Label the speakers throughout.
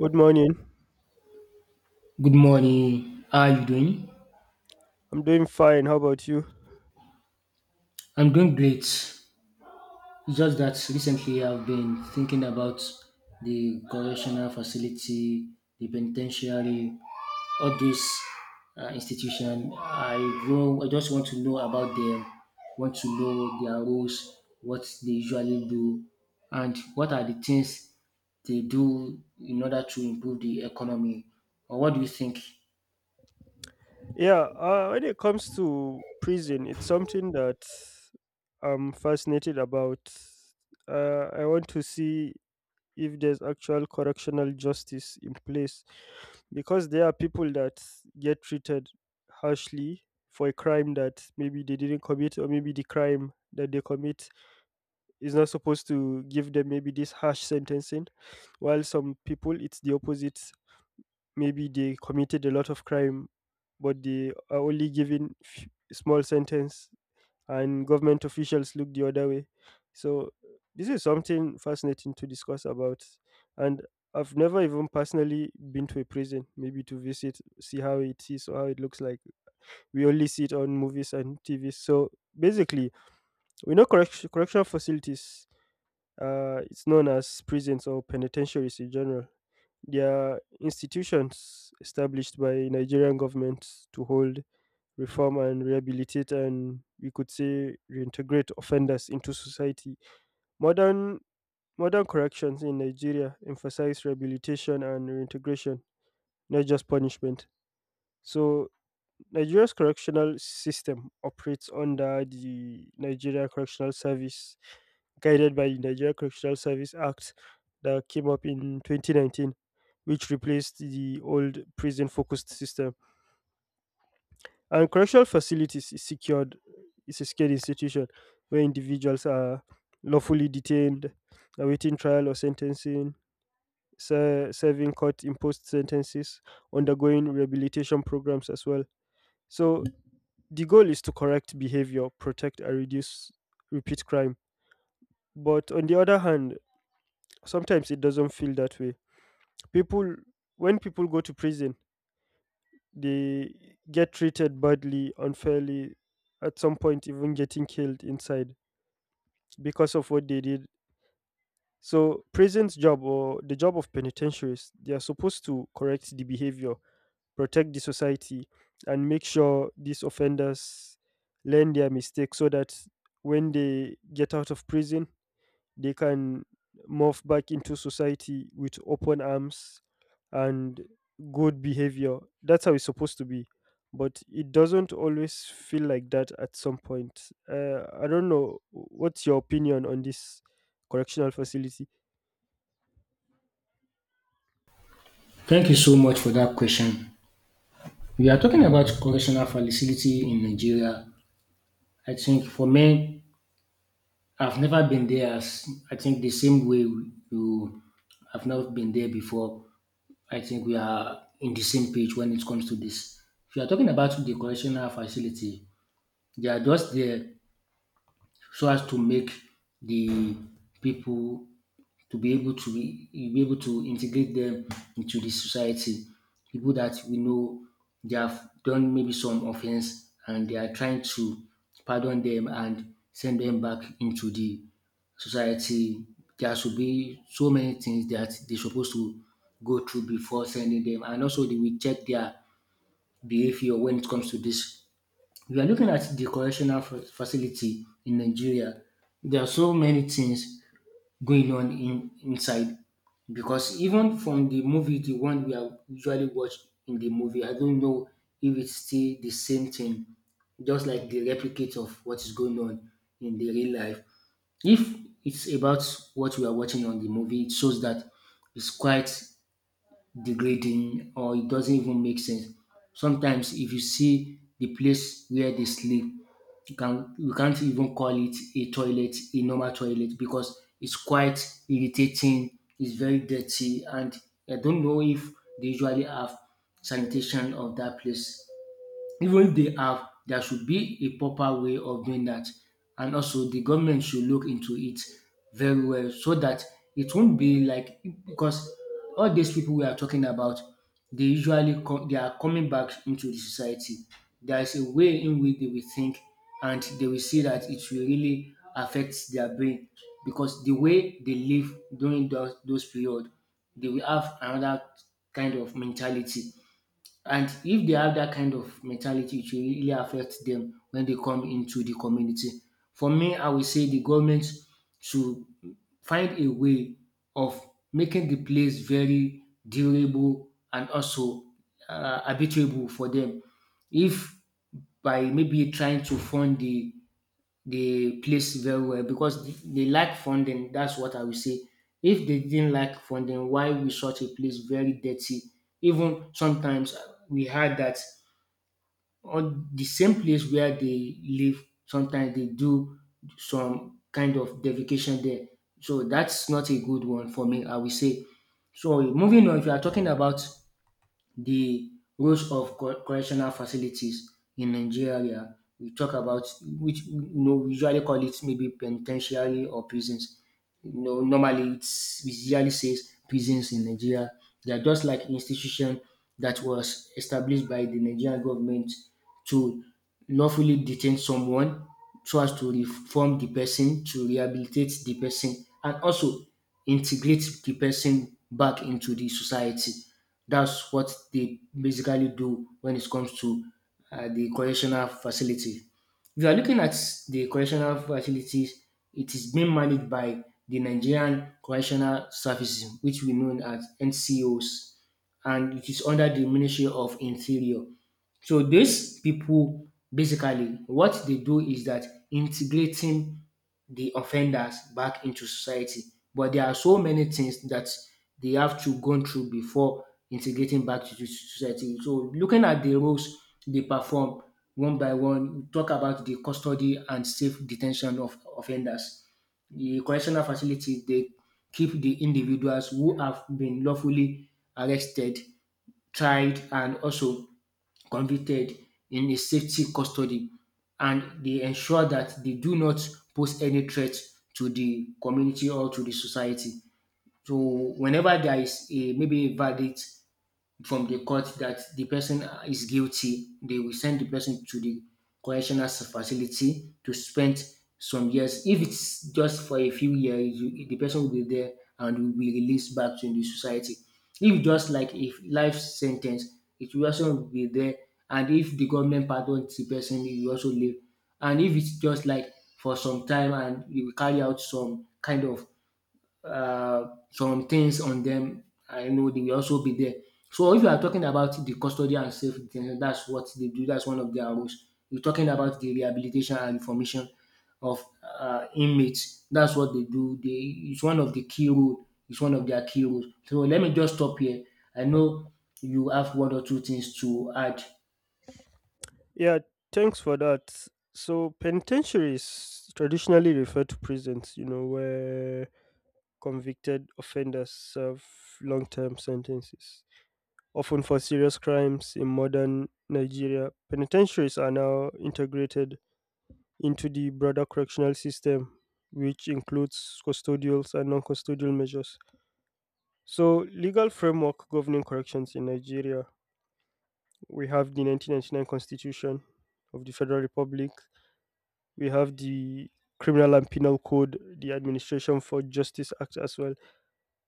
Speaker 1: Good morning.
Speaker 2: Good morning. How are you doing?
Speaker 1: I'm doing fine. How about you?
Speaker 2: I'm doing great. It's just that recently I've been thinking about the correctional facility, the penitentiary, all these institution. I know. I just want to know about them. Want to know their rules, what they usually do, and what are the things they do in order to improve the economy. Or what do you think?
Speaker 1: Yeah, when it comes to prison, it's something that I'm fascinated about. I want to see if there's actual correctional justice in place because there are people that get treated harshly for a crime that maybe they didn't commit, or maybe the crime that they commit is not supposed to give them maybe this harsh sentencing, while some people it's the opposite. Maybe they committed a lot of crime but they are only given small sentence and government officials look the other way. So this is something fascinating to discuss about, and I've never even personally been to a prison maybe to visit, see how it is or how it looks like. We only see it on movies and TV. So basically we know correction facilities. It's known as prisons or penitentiaries in general. They are institutions established by Nigerian governments to hold, reform, and rehabilitate, and we could say reintegrate offenders into society. Modern modern corrections in Nigeria emphasize rehabilitation and reintegration, not just punishment. So Nigeria's correctional system operates under the Nigeria Correctional Service, guided by the Nigeria Correctional Service Act that came up in 2019, which replaced the old prison focused system. And correctional facilities is secured, is a secured institution where individuals are lawfully detained, awaiting trial or sentencing, serving court imposed sentences, undergoing rehabilitation programs as well. So the goal is to correct behavior, protect and reduce repeat crime. But on the other hand, sometimes it doesn't feel that way. People, when people go to prison, they get treated badly, unfairly, at some point, even getting killed inside because of what they did. So, prison's job or the job of penitentiaries, they are supposed to correct the behavior, protect the society, and make sure these offenders learn their mistakes so that when they get out of prison they can morph back into society with open arms and good behavior. That's how it's supposed to be, but it doesn't always feel like that at some point. I don't know, what's your opinion on this correctional facility?
Speaker 2: Thank you so much for that question. We are talking about correctional facility in Nigeria. I think for me, I've never been there as I think the same way you have not been there before. I think we are in the same page when it comes to this. If you are talking about the correctional facility, they are just there so as to make the people to be able to be able to integrate them into the society. People that we know they have done maybe some offense and they are trying to pardon them and send them back into the society. There should be so many things that they're supposed to go through before sending them, and also they will check their behavior when it comes to this. We are looking at the correctional facility in Nigeria. There are so many things going on in inside because even from the movie the one we are usually watch in the movie, I don't know if it's still the same thing, just like the replicate of what is going on in the real life. If it's about what we are watching on the movie, it shows that it's quite degrading or it doesn't even make sense. Sometimes if you see the place where they sleep, you can't even call it a toilet, a normal toilet, because it's quite irritating. It's very dirty, and I don't know if they usually have sanitation of that place. Even they have, there should be a proper way of doing that. And also, the government should look into it very well so that it won't be like, because all these people we are talking about, they usually they are coming back into the society. There is a way in which they will think and they will see that it will really affect their brain, because the way they live during those period, they will have another kind of mentality, and if they have that kind of mentality, it will really affect them when they come into the community. For me, I will say the government should find a way of making the place very durable and also habitable for them. If by maybe trying to fund the place very well, because they lack funding. That's what I will say. If they didn't lack funding, why we such a place very dirty? Even sometimes we heard that on the same place where they live, sometimes they do some kind of defecation there. So that's not a good one for me, I will say. So moving on, if you are talking about the roles of correctional facilities in Nigeria. We talk about which you know we usually call it maybe penitentiary or prisons. You know, normally it usually says prisons in Nigeria. They are just like institution that was established by the Nigerian government to lawfully detain someone, so as to reform the person, to rehabilitate the person, and also integrate the person back into the society. That's what they basically do when it comes to the correctional facility. If you are looking at the correctional facilities, it is being managed by the Nigerian Correctional Services, which we know as NCOs, and it is under the Ministry of Interior. So these people, basically what they do is that integrating the offenders back into society. But there are so many things that they have to go through before integrating back to society. So looking at the roles they perform one by one, we talk about the custody and safe detention of offenders. The correctional facility, they keep the individuals who have been lawfully arrested, tried, and also convicted in a safety custody, and they ensure that they do not pose any threat to the community or to the society. So whenever there is a maybe a verdict from the court that the person is guilty, they will send the person to the correctional facility to spend some years. If it's just for a few years, you, the person will be there and will be released back to the society. If just like a life sentence, it will also be there. And if the government pardons the person, he will also live. And if it's just like for some time and you will carry out some kind of uh, some things on them, I know they will also be there. So if you are talking about the custody and safe detention, that's what they do. That's one of their roles. You're talking about the rehabilitation and information of inmates. That's what they do. They, it's one of the key role. It's one of their key roles. So let me just stop here. I know you have one or two things to add.
Speaker 1: Yeah, thanks for that. So, penitentiaries traditionally refer to prisons, you know, where convicted offenders serve long term sentences. Often for serious crimes in modern Nigeria. Penitentiaries are now integrated into the broader correctional system, which includes custodial and non custodial measures. So, legal framework governing corrections in Nigeria, we have the 1999 Constitution of the Federal Republic, we have the Criminal and Penal Code, the Administration for Justice Act as well.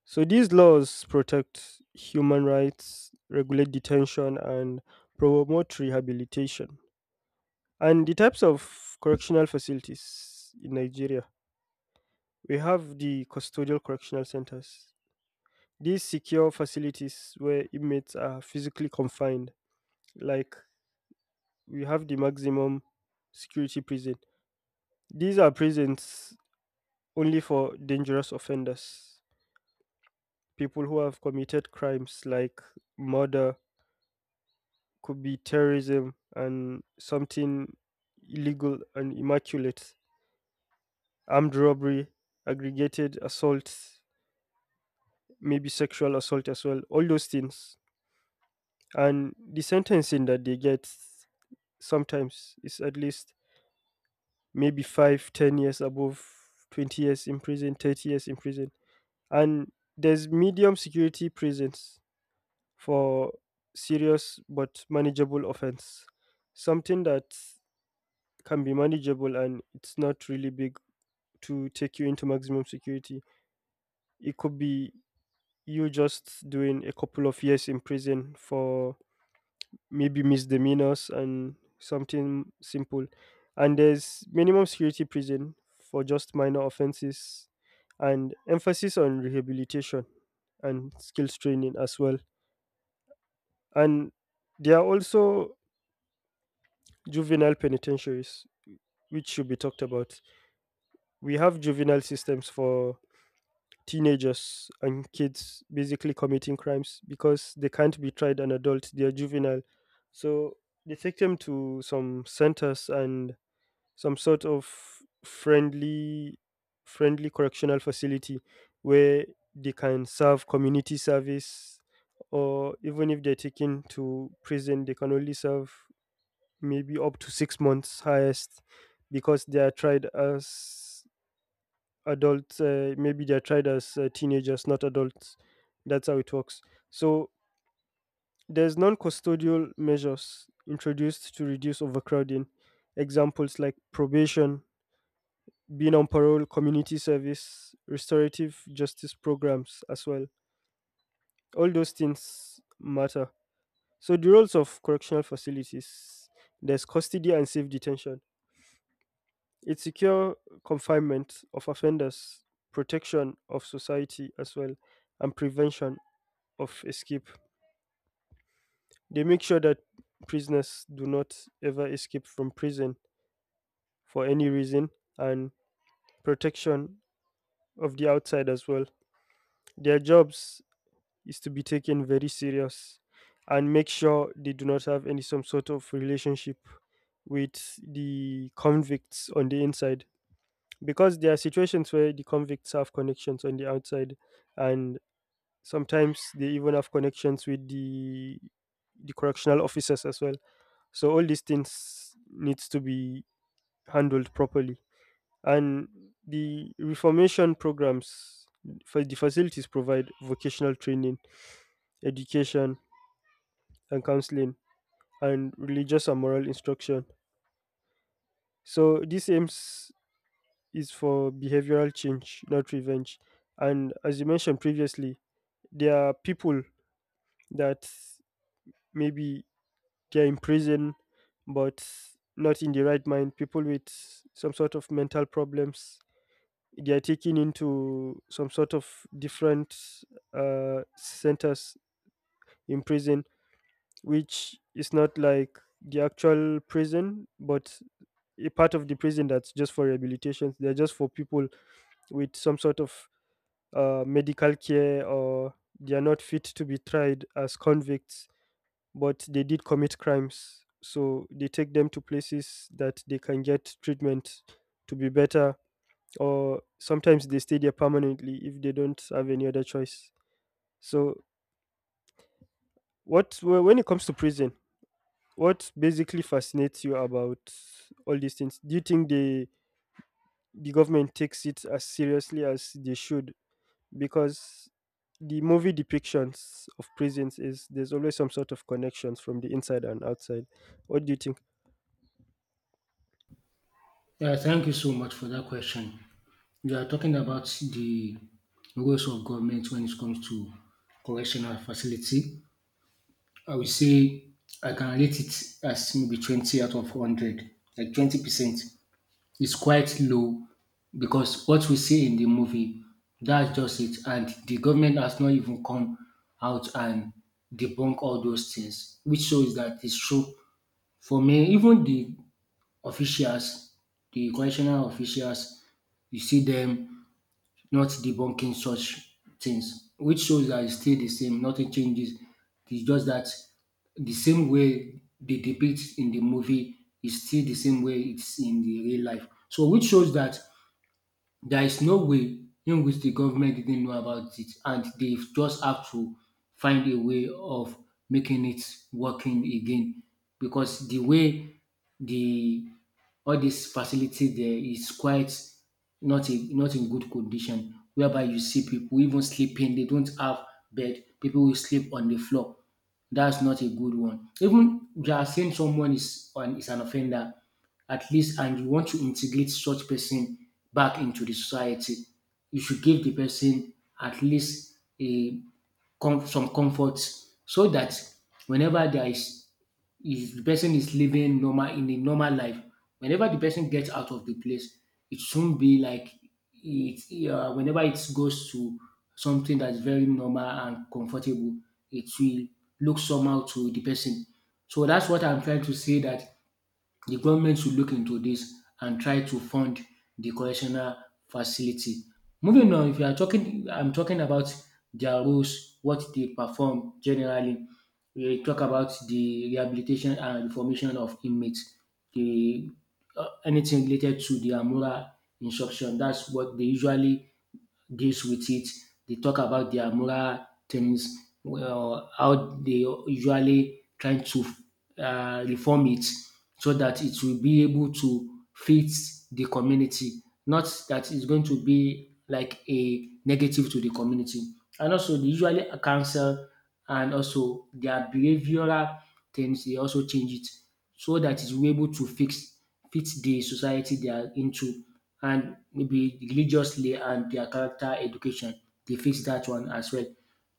Speaker 1: So these laws protect human rights, regulate detention, and promote rehabilitation. And the types of correctional facilities in Nigeria, we have the custodial correctional centers. These secure facilities where inmates are physically confined, like we have the maximum security prison. These are prisons only for dangerous offenders, people who have committed crimes like murder, could be terrorism and something illegal and immaculate, armed robbery, aggregated assault, maybe sexual assault as well, all those things. And the sentencing that they get sometimes is at least maybe five, 10 years above, 20 years in prison, 30 years in prison. And there's medium security prisons for serious but manageable offense, something that can be manageable and it's not really big to take you into maximum security. It could be you just doing a couple of years in prison for maybe misdemeanors and something simple. And there's minimum security prison for just minor offenses and emphasis on rehabilitation and skills training as well. And there are also juvenile penitentiaries, which should be talked about. We have juvenile systems for teenagers and kids basically committing crimes because they can't be tried an adult, they are juvenile. So they take them to some centers and some sort of friendly correctional facility where they can serve community service, or even if they're taken to prison they can only serve maybe up to 6 months highest, because they are tried as adults. Maybe they're tried as teenagers, not adults. That's how it works. So there's non-custodial measures introduced to reduce overcrowding. Examples like probation, being on parole, community service, restorative justice programs as well. All those things matter. So the roles of correctional facilities: there's custody and safe detention, it's secure confinement of offenders, protection of society as well, and prevention of escape. They make sure that prisoners do not ever escape from prison for any reason, and protection of the outside as well. Their jobs is to be taken very serious and make sure they do not have any some sort of relationship with the convicts on the inside, because there are situations where the convicts have connections on the outside, and sometimes they even have connections with the correctional officers as well. So all these things needs to be handled properly, and the reformation programs for the facilities provide vocational training, education, and counseling, and religious and moral instruction. So this aims is for behavioral change, not revenge. And as you mentioned previously, there are people that maybe they're in prison, but not in the right mind. People with some sort of mental problems, they are taken into some sort of different centers in prison, which is not like the actual prison, but a part of the prison that's just for rehabilitation. They're just for people with some sort of medical care, or they are not fit to be tried as convicts, but they did commit crimes. So they take them to places that they can get treatment to be better, or sometimes they stay there permanently if they don't have any other choice. So, when it comes to prison, what basically fascinates you about all these things? Do you think the government takes it as seriously as they should? Because the movie depictions of prisons is there's always some sort of connections from the inside and outside. What do you think?
Speaker 2: Yeah, thank you so much for that question. You are talking about the roles of government when it comes to correctional facility. I would say I can rate it as maybe 20 out of 100, like 20%. It's quite low, because what we see in the movie, that's just it. And the government has not even come out and debunk all those things, which shows that it's true. For me, even the officials, the correctional officials, you see them not debunking such things, which shows that it's still the same, nothing changes. It's just that the same way they depict in the movie is still the same way it's in the real life. So, which shows that there is no way in which the government didn't know about it, and they just have to find a way of making it working again, because the way the all this facility there is quite not in good condition, whereby you see people even sleeping, they don't have bed, people will sleep on the floor. That's not a good one. Even we are saying someone is an offender, at least, and you want to integrate such person back into the society, you should give the person at least a some comfort, so that whenever there is, if the person is living normal in a normal life, whenever the person gets out of the place, it shouldn't be like it, whenever it goes to something that's very normal and comfortable, it will look somehow to the person. So that's what I'm trying to say, that the government should look into this and try to fund the correctional facility. Moving on, if you are talking, I'm talking about their roles, what they perform generally. We talk about the rehabilitation and reformation of inmates, the anything related to their moral instruction. That's what they usually deals with it. They talk about their moral things, well, how they usually trying to reform it so that it will be able to fit the community. Not that it's going to be like a negative to the community. And also, they usually cancel and also their behavioral things, they also change it so that it will be able to fix fit the society they are into, and maybe religiously and their character education. They fix that one as well.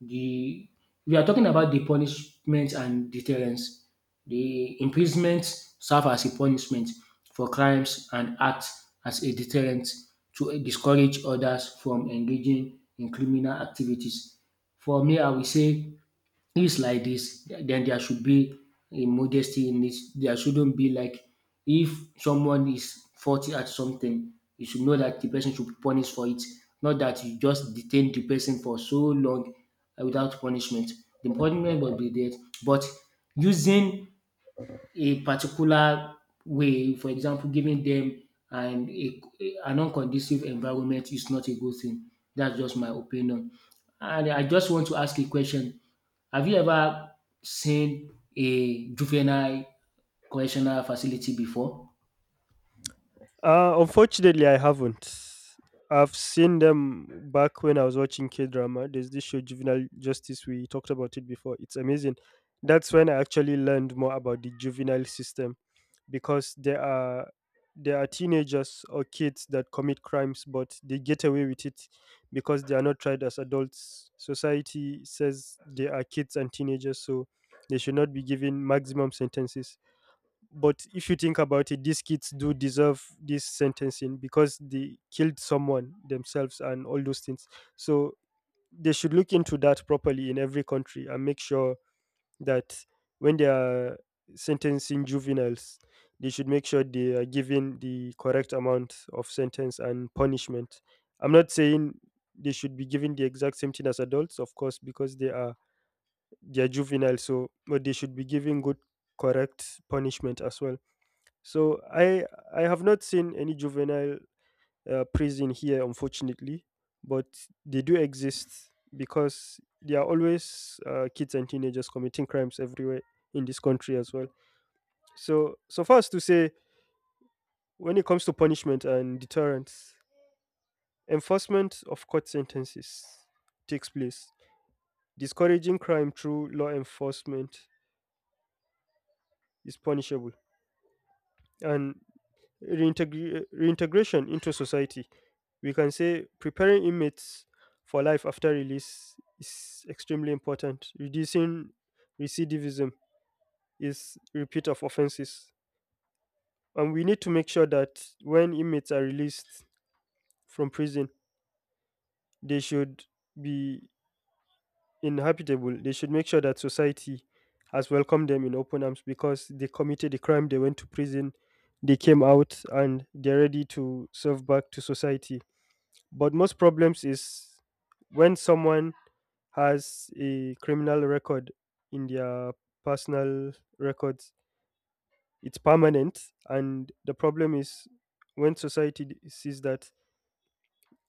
Speaker 2: The We are talking about the punishment and deterrence. The imprisonment serve as a punishment for crimes and act as a deterrent to discourage others from engaging in criminal activities. For me, I will say it's like this, then there should be a modesty in it. There shouldn't be like, if someone is faulty at something, you should know that the person should be punished for it. Not that you just detain the person for so long without punishment. The punishment will be there, but using a particular way, for example, giving them an a an unconducive environment is not a good thing. That's just my opinion. And I just want to ask a question. Have you ever seen a juvenile correctional facility before?
Speaker 1: Unfortunately, I haven't. I've seen them back when I was watching K drama. There's this show, Juvenile Justice. We talked about it before. It's amazing. That's when I actually learned more about the juvenile system because there are teenagers or kids that commit crimes, but they get away with it because they are not tried as adults. Society says they are kids and teenagers, so they should not be given maximum sentences. But if you think about it, these kids do deserve this sentencing because they killed someone themselves and all those things. So they should look into that properly in every country and make sure that when they are sentencing juveniles, they should make sure they are given the correct amount of sentence and punishment. I'm not saying they should be given the exact same thing as adults, of course, because they are juveniles. So but they should be given good correct punishment as well. So I have not seen any juvenile prison here, unfortunately, but they do exist because there are always kids and teenagers committing crimes everywhere in this country as well. So so far as to say, when it comes to punishment and deterrence, enforcement of court sentences takes place. Discouraging crime through law enforcement is punishable, and reintegration into society. We can say preparing inmates for life after release is extremely important. Reducing recidivism is repeat of offenses. And we need to make sure that when inmates are released from prison, they should be inhabitable. They should make sure that society has welcomed them in open arms because they committed a crime, they went to prison, they came out, and they're ready to serve back to society. But most problems is when someone has a criminal record in their personal records, it's permanent. And the problem is when society sees that,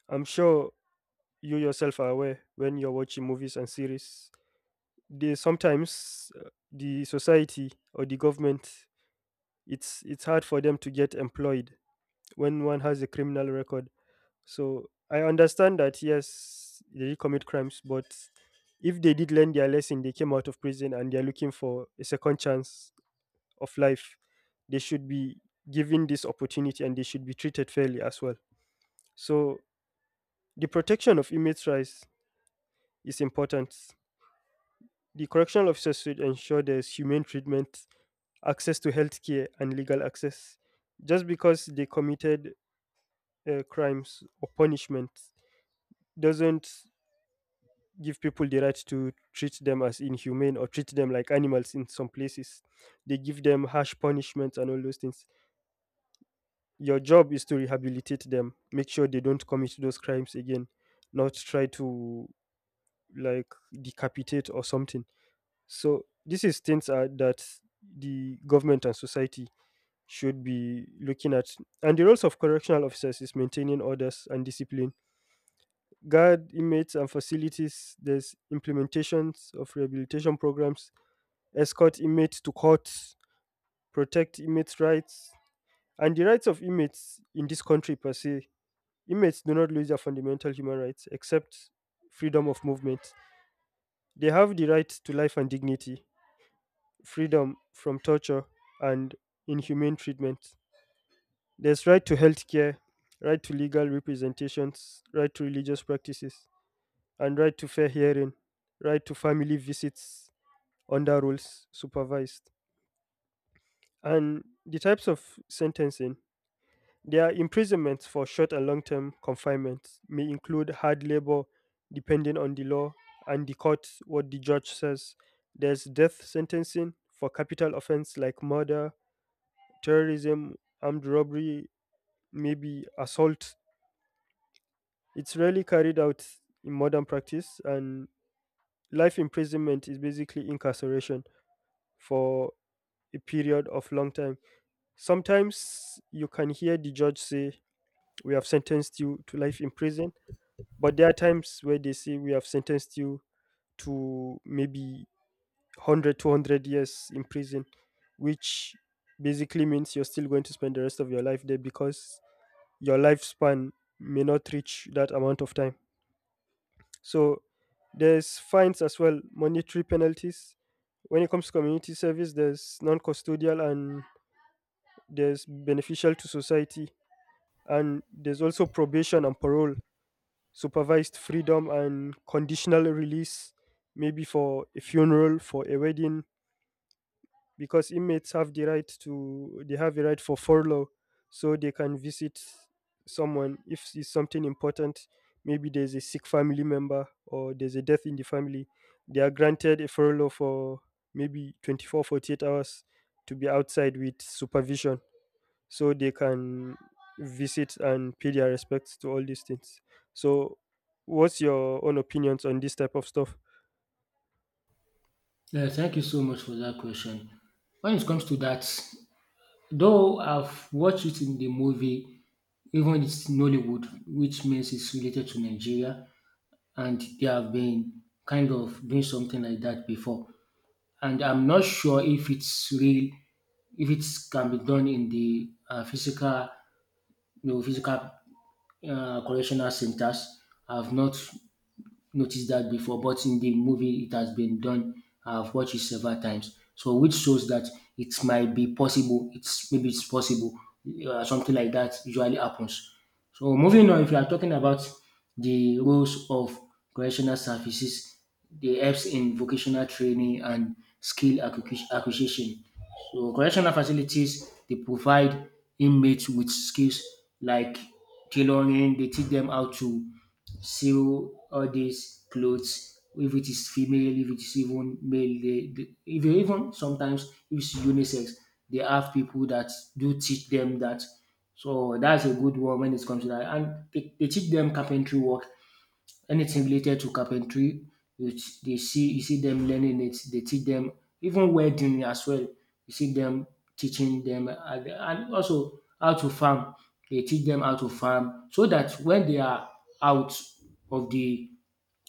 Speaker 1: I'm sure you yourself are aware, when you're watching movies and series, they sometimes, the society or the government, it's hard for them to get employed when one has a criminal record. So I understand that yes, they did commit crimes, but if they did learn their lesson, they came out of prison and they're looking for a second chance of life, they should be given this opportunity and they should be treated fairly as well. So the protection of inmates' rights is important. The correctional officers should ensure there's humane treatment, access to healthcare, and legal access. Just because they committed crimes or punishment doesn't give people the right to treat them as inhumane or treat them like animals in some places. They give them harsh punishments and all those things. Your job is to rehabilitate them, make sure they don't commit those crimes again, not try to like decapitate or something. So this is things that the government and society should be looking at. And the roles of correctional officers is maintaining orders and discipline, guard inmates and facilities. There's implementations of rehabilitation programs escort inmates to courts, protect inmates' rights, and the rights of inmates in this country per se. Inmates do not lose their fundamental human rights except freedom of movement. They have the right to life and dignity, freedom from torture and inhumane treatment. There's right to health care, right to legal representations, right to religious practices, and right to fair hearing, right to family visits under rules supervised. And the types of sentencing, their imprisonment for short and long term confinement may include hard labor, depending on the law and the court, what the judge says. There's death sentencing for capital offense like murder, terrorism, armed robbery, maybe assault. It's rarely carried out in modern practice, and life imprisonment is basically incarceration for a period of long time. Sometimes you can hear the judge say, "We have sentenced you to life in prison." But there are times where they say, "We have sentenced you to maybe 100, 200 years in prison," which basically means you're still going to spend the rest of your life there because your lifespan may not reach that amount of time. So there's fines as well, monetary penalties. When it comes to community service, there's non custodial and there's beneficial to society. And there's also probation and parole, supervised freedom and conditional release, maybe for a funeral, for a wedding, because inmates have the right to, they have a right for furlough, so they can visit someone if it's something important. Maybe there's a sick family member or there's a death in the family. They are granted a furlough for maybe 24 to 48 hours to be outside with supervision so they can visit and pay their respects to all these things. So, what's your own opinions on this type of stuff?
Speaker 2: Yeah, thank you so much for that question. When it comes to that, though I've watched it in the movie, even it's Nollywood, which means it's related to Nigeria, and they have been kind of doing something like that before. And I'm not sure if it's real, if it can be done in the physical, you know, physical correctional centers. I've not noticed that before, but in the movie it has been done. I've watched it several times, so which shows that it might be possible. It's maybe it's possible. Something like that usually happens. So moving on, if you are talking about the roles of correctional services, they helps in vocational training and skill acquisition. So correctional facilities they provide inmates with skills like tailoring. They teach them how to sew all these clothes. If it is female, if it is even male, they if they even sometimes if it's unisex, they have people that do teach them that. So that's a good one when it comes to that. And they teach them carpentry work anything related to carpentry, you they see you see them learning it. They teach them even welding as well. You see them teaching them and also how to farm. They teach them how to farm so that when they are out of the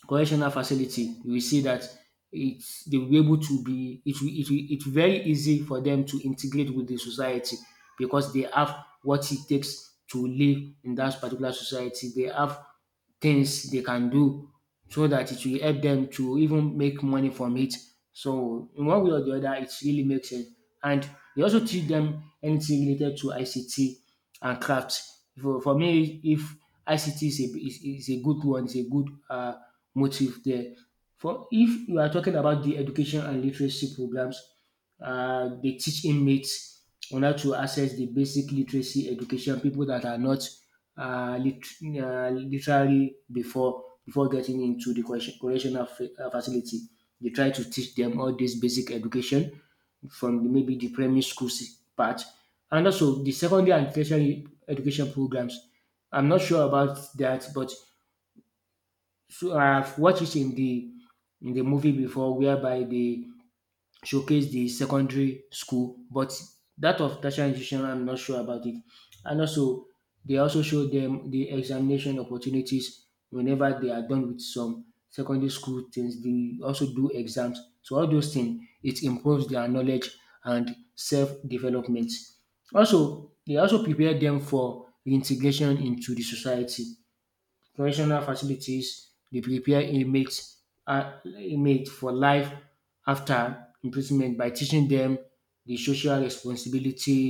Speaker 2: correctional facility, you will see that it's they will be able to be it will it very easy for them to integrate with the society because they have what it takes to live in that particular society. They have things they can do so that it will help them to even make money from it. So in one way or the other, it really makes sense. And they also teach them anything related to ICT and craft. For me, if ICT is a good one, is a good motive there. For if you are talking about the education and literacy programs, they teach inmates on how to access the basic literacy education. People that are not literally before getting into the correctional facility, they try to teach them all this basic education from the, maybe the primary school part, and also the secondary and tertiary education programs. I'm not sure about that, but I've watched it in the movie before whereby they showcase the secondary school, but that of tertiary institution I'm not sure about it. And also they also show them the examination opportunities whenever they are done with some secondary school things, they also do exams. So all those things it improves their knowledge and self-development. Also, they also prepare them for integration into the society. Correctional facilities dey prepare inmates for life after imprisonment by teaching dem the social responsibility,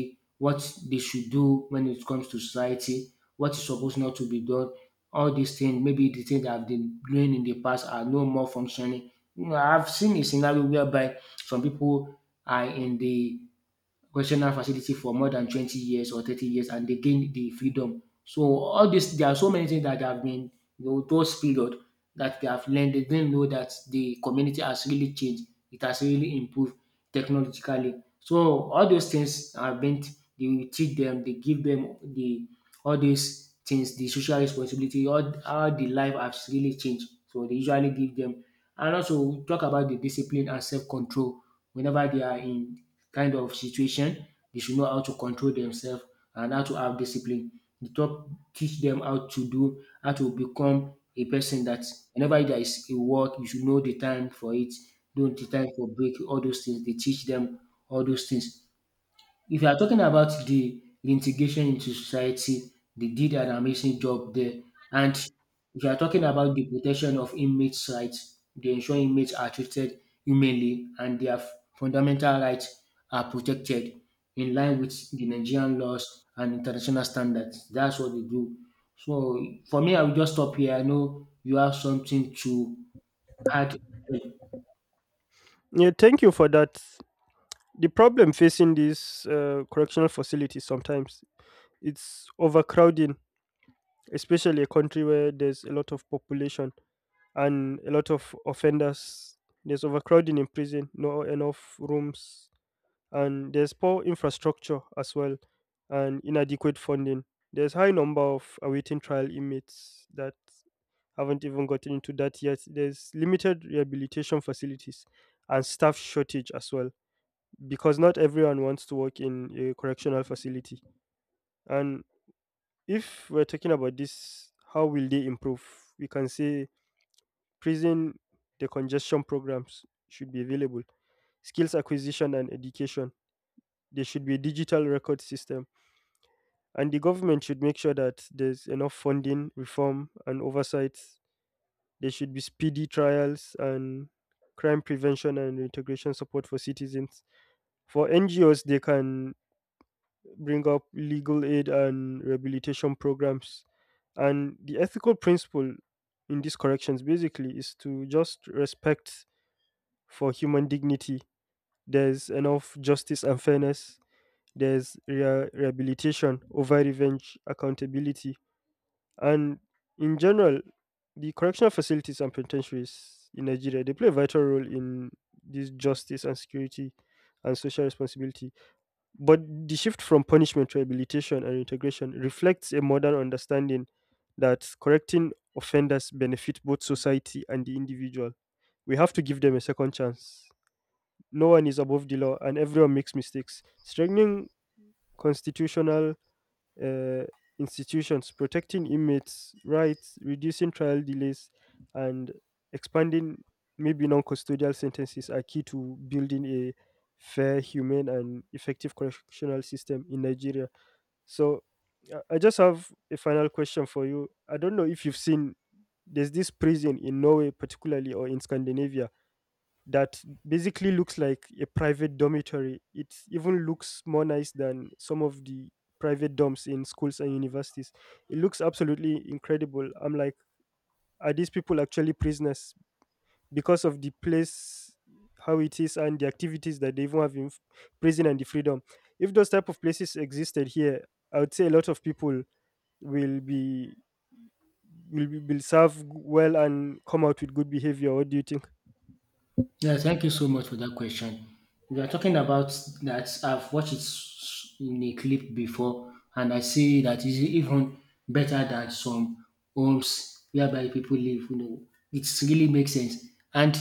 Speaker 2: what they should do when it comes to society, what is supposed not to be done. All these things, maybe the thing I have been doing in the past are no more functioning. I have seen a scenario whereby some people are in the correctional facility for more than 20 years or 30 years and they gain the freedom. So all this, there are so many things that have been, those period that they have learned. They didn't know that the community has really changed. It has really improved technologically. So all those things have been, they teach them, they give them the all these things, the social responsibility, all how the life has really changed. So they usually give them and also talk about the discipline and self-control whenever they are in kind of situation. They should know how to control themselves and how to have discipline. The talk teach them how to do, how to become a person that whenever there is a work, you should know the time for it, know the time for break, all those things. They teach them all those things. If you are talking about the reintegration into society, they did an amazing job there. And if you are talking about the protection of inmates' rights, they ensure inmates are treated humanely and their fundamental rights are protected in line with the Nigerian laws and international standards. That's what they do. So for me, I will just stop here. I know you have something to add.
Speaker 1: Yeah, thank you for that. The problem facing these correctional facilities sometimes it's overcrowding, especially a country where there's a lot of population and a lot of offenders. There's overcrowding in prison, no enough rooms, and there's poor infrastructure as well and inadequate funding. There's high number of awaiting trial inmates that haven't even gotten into that yet. There's limited rehabilitation facilities and staff shortage as well because not everyone wants to work in a correctional facility. And if we're talking about this, how will they improve? We can say prison decongestion programs should be available, skills acquisition and education. There should be a digital record system. And the government should make sure that there's enough funding, reform, and oversight. There should be speedy trials and crime prevention and integration support for citizens. For NGOs, they can bring up legal aid and rehabilitation programs. And the ethical principle in these corrections basically is to just respect for human dignity. There's enough justice and fairness. There's rehabilitation over revenge, accountability. And in general, the correctional facilities and penitentiaries in Nigeria, they play a vital role in this justice and security and social responsibility. But the shift from punishment to rehabilitation and integration reflects a modern understanding that correcting offenders benefit both society and the individual. We have to give them a second chance. No one is above the law and everyone makes mistakes. Strengthening constitutional uh, institutions, protecting inmates' rights, reducing trial delays, and expanding maybe non custodial sentences are key to building a fair, humane, and effective correctional system in Nigeria. So, I just have a final question for you. I don't know if you've seen, there's this prison in Norway, particularly, or in Scandinavia, that basically looks like a private dormitory. It even looks more nice than some of the private dorms in schools and universities. It looks absolutely incredible. I'm like, are these people actually prisoners because of the place, how it is, and the activities that they even have in prison and the freedom? If those type of places existed here, I would say a lot of people will be, will serve well and come out with good behavior. What do you think?
Speaker 2: Yeah, thank you so much for that question. We are talking about that I've watched it in a clip before, and I see that it's even better than some homes whereby people live. It really makes sense. And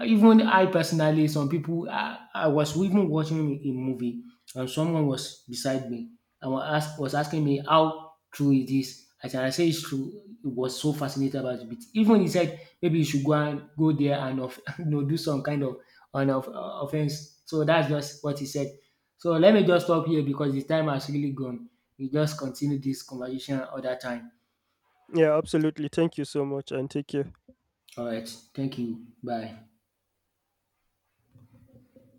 Speaker 2: even I personally, I was even watching a movie and someone was beside me and was asking me how true it is. As I say it's true, it was so fascinated about it. Even he said maybe you should go there do some kind of an offense. So that's just what he said. So let me just stop here because the time has really gone. We just continue this conversation other time.
Speaker 1: Yeah, absolutely. Thank you so much, and take care.
Speaker 2: All right. Thank you. Bye.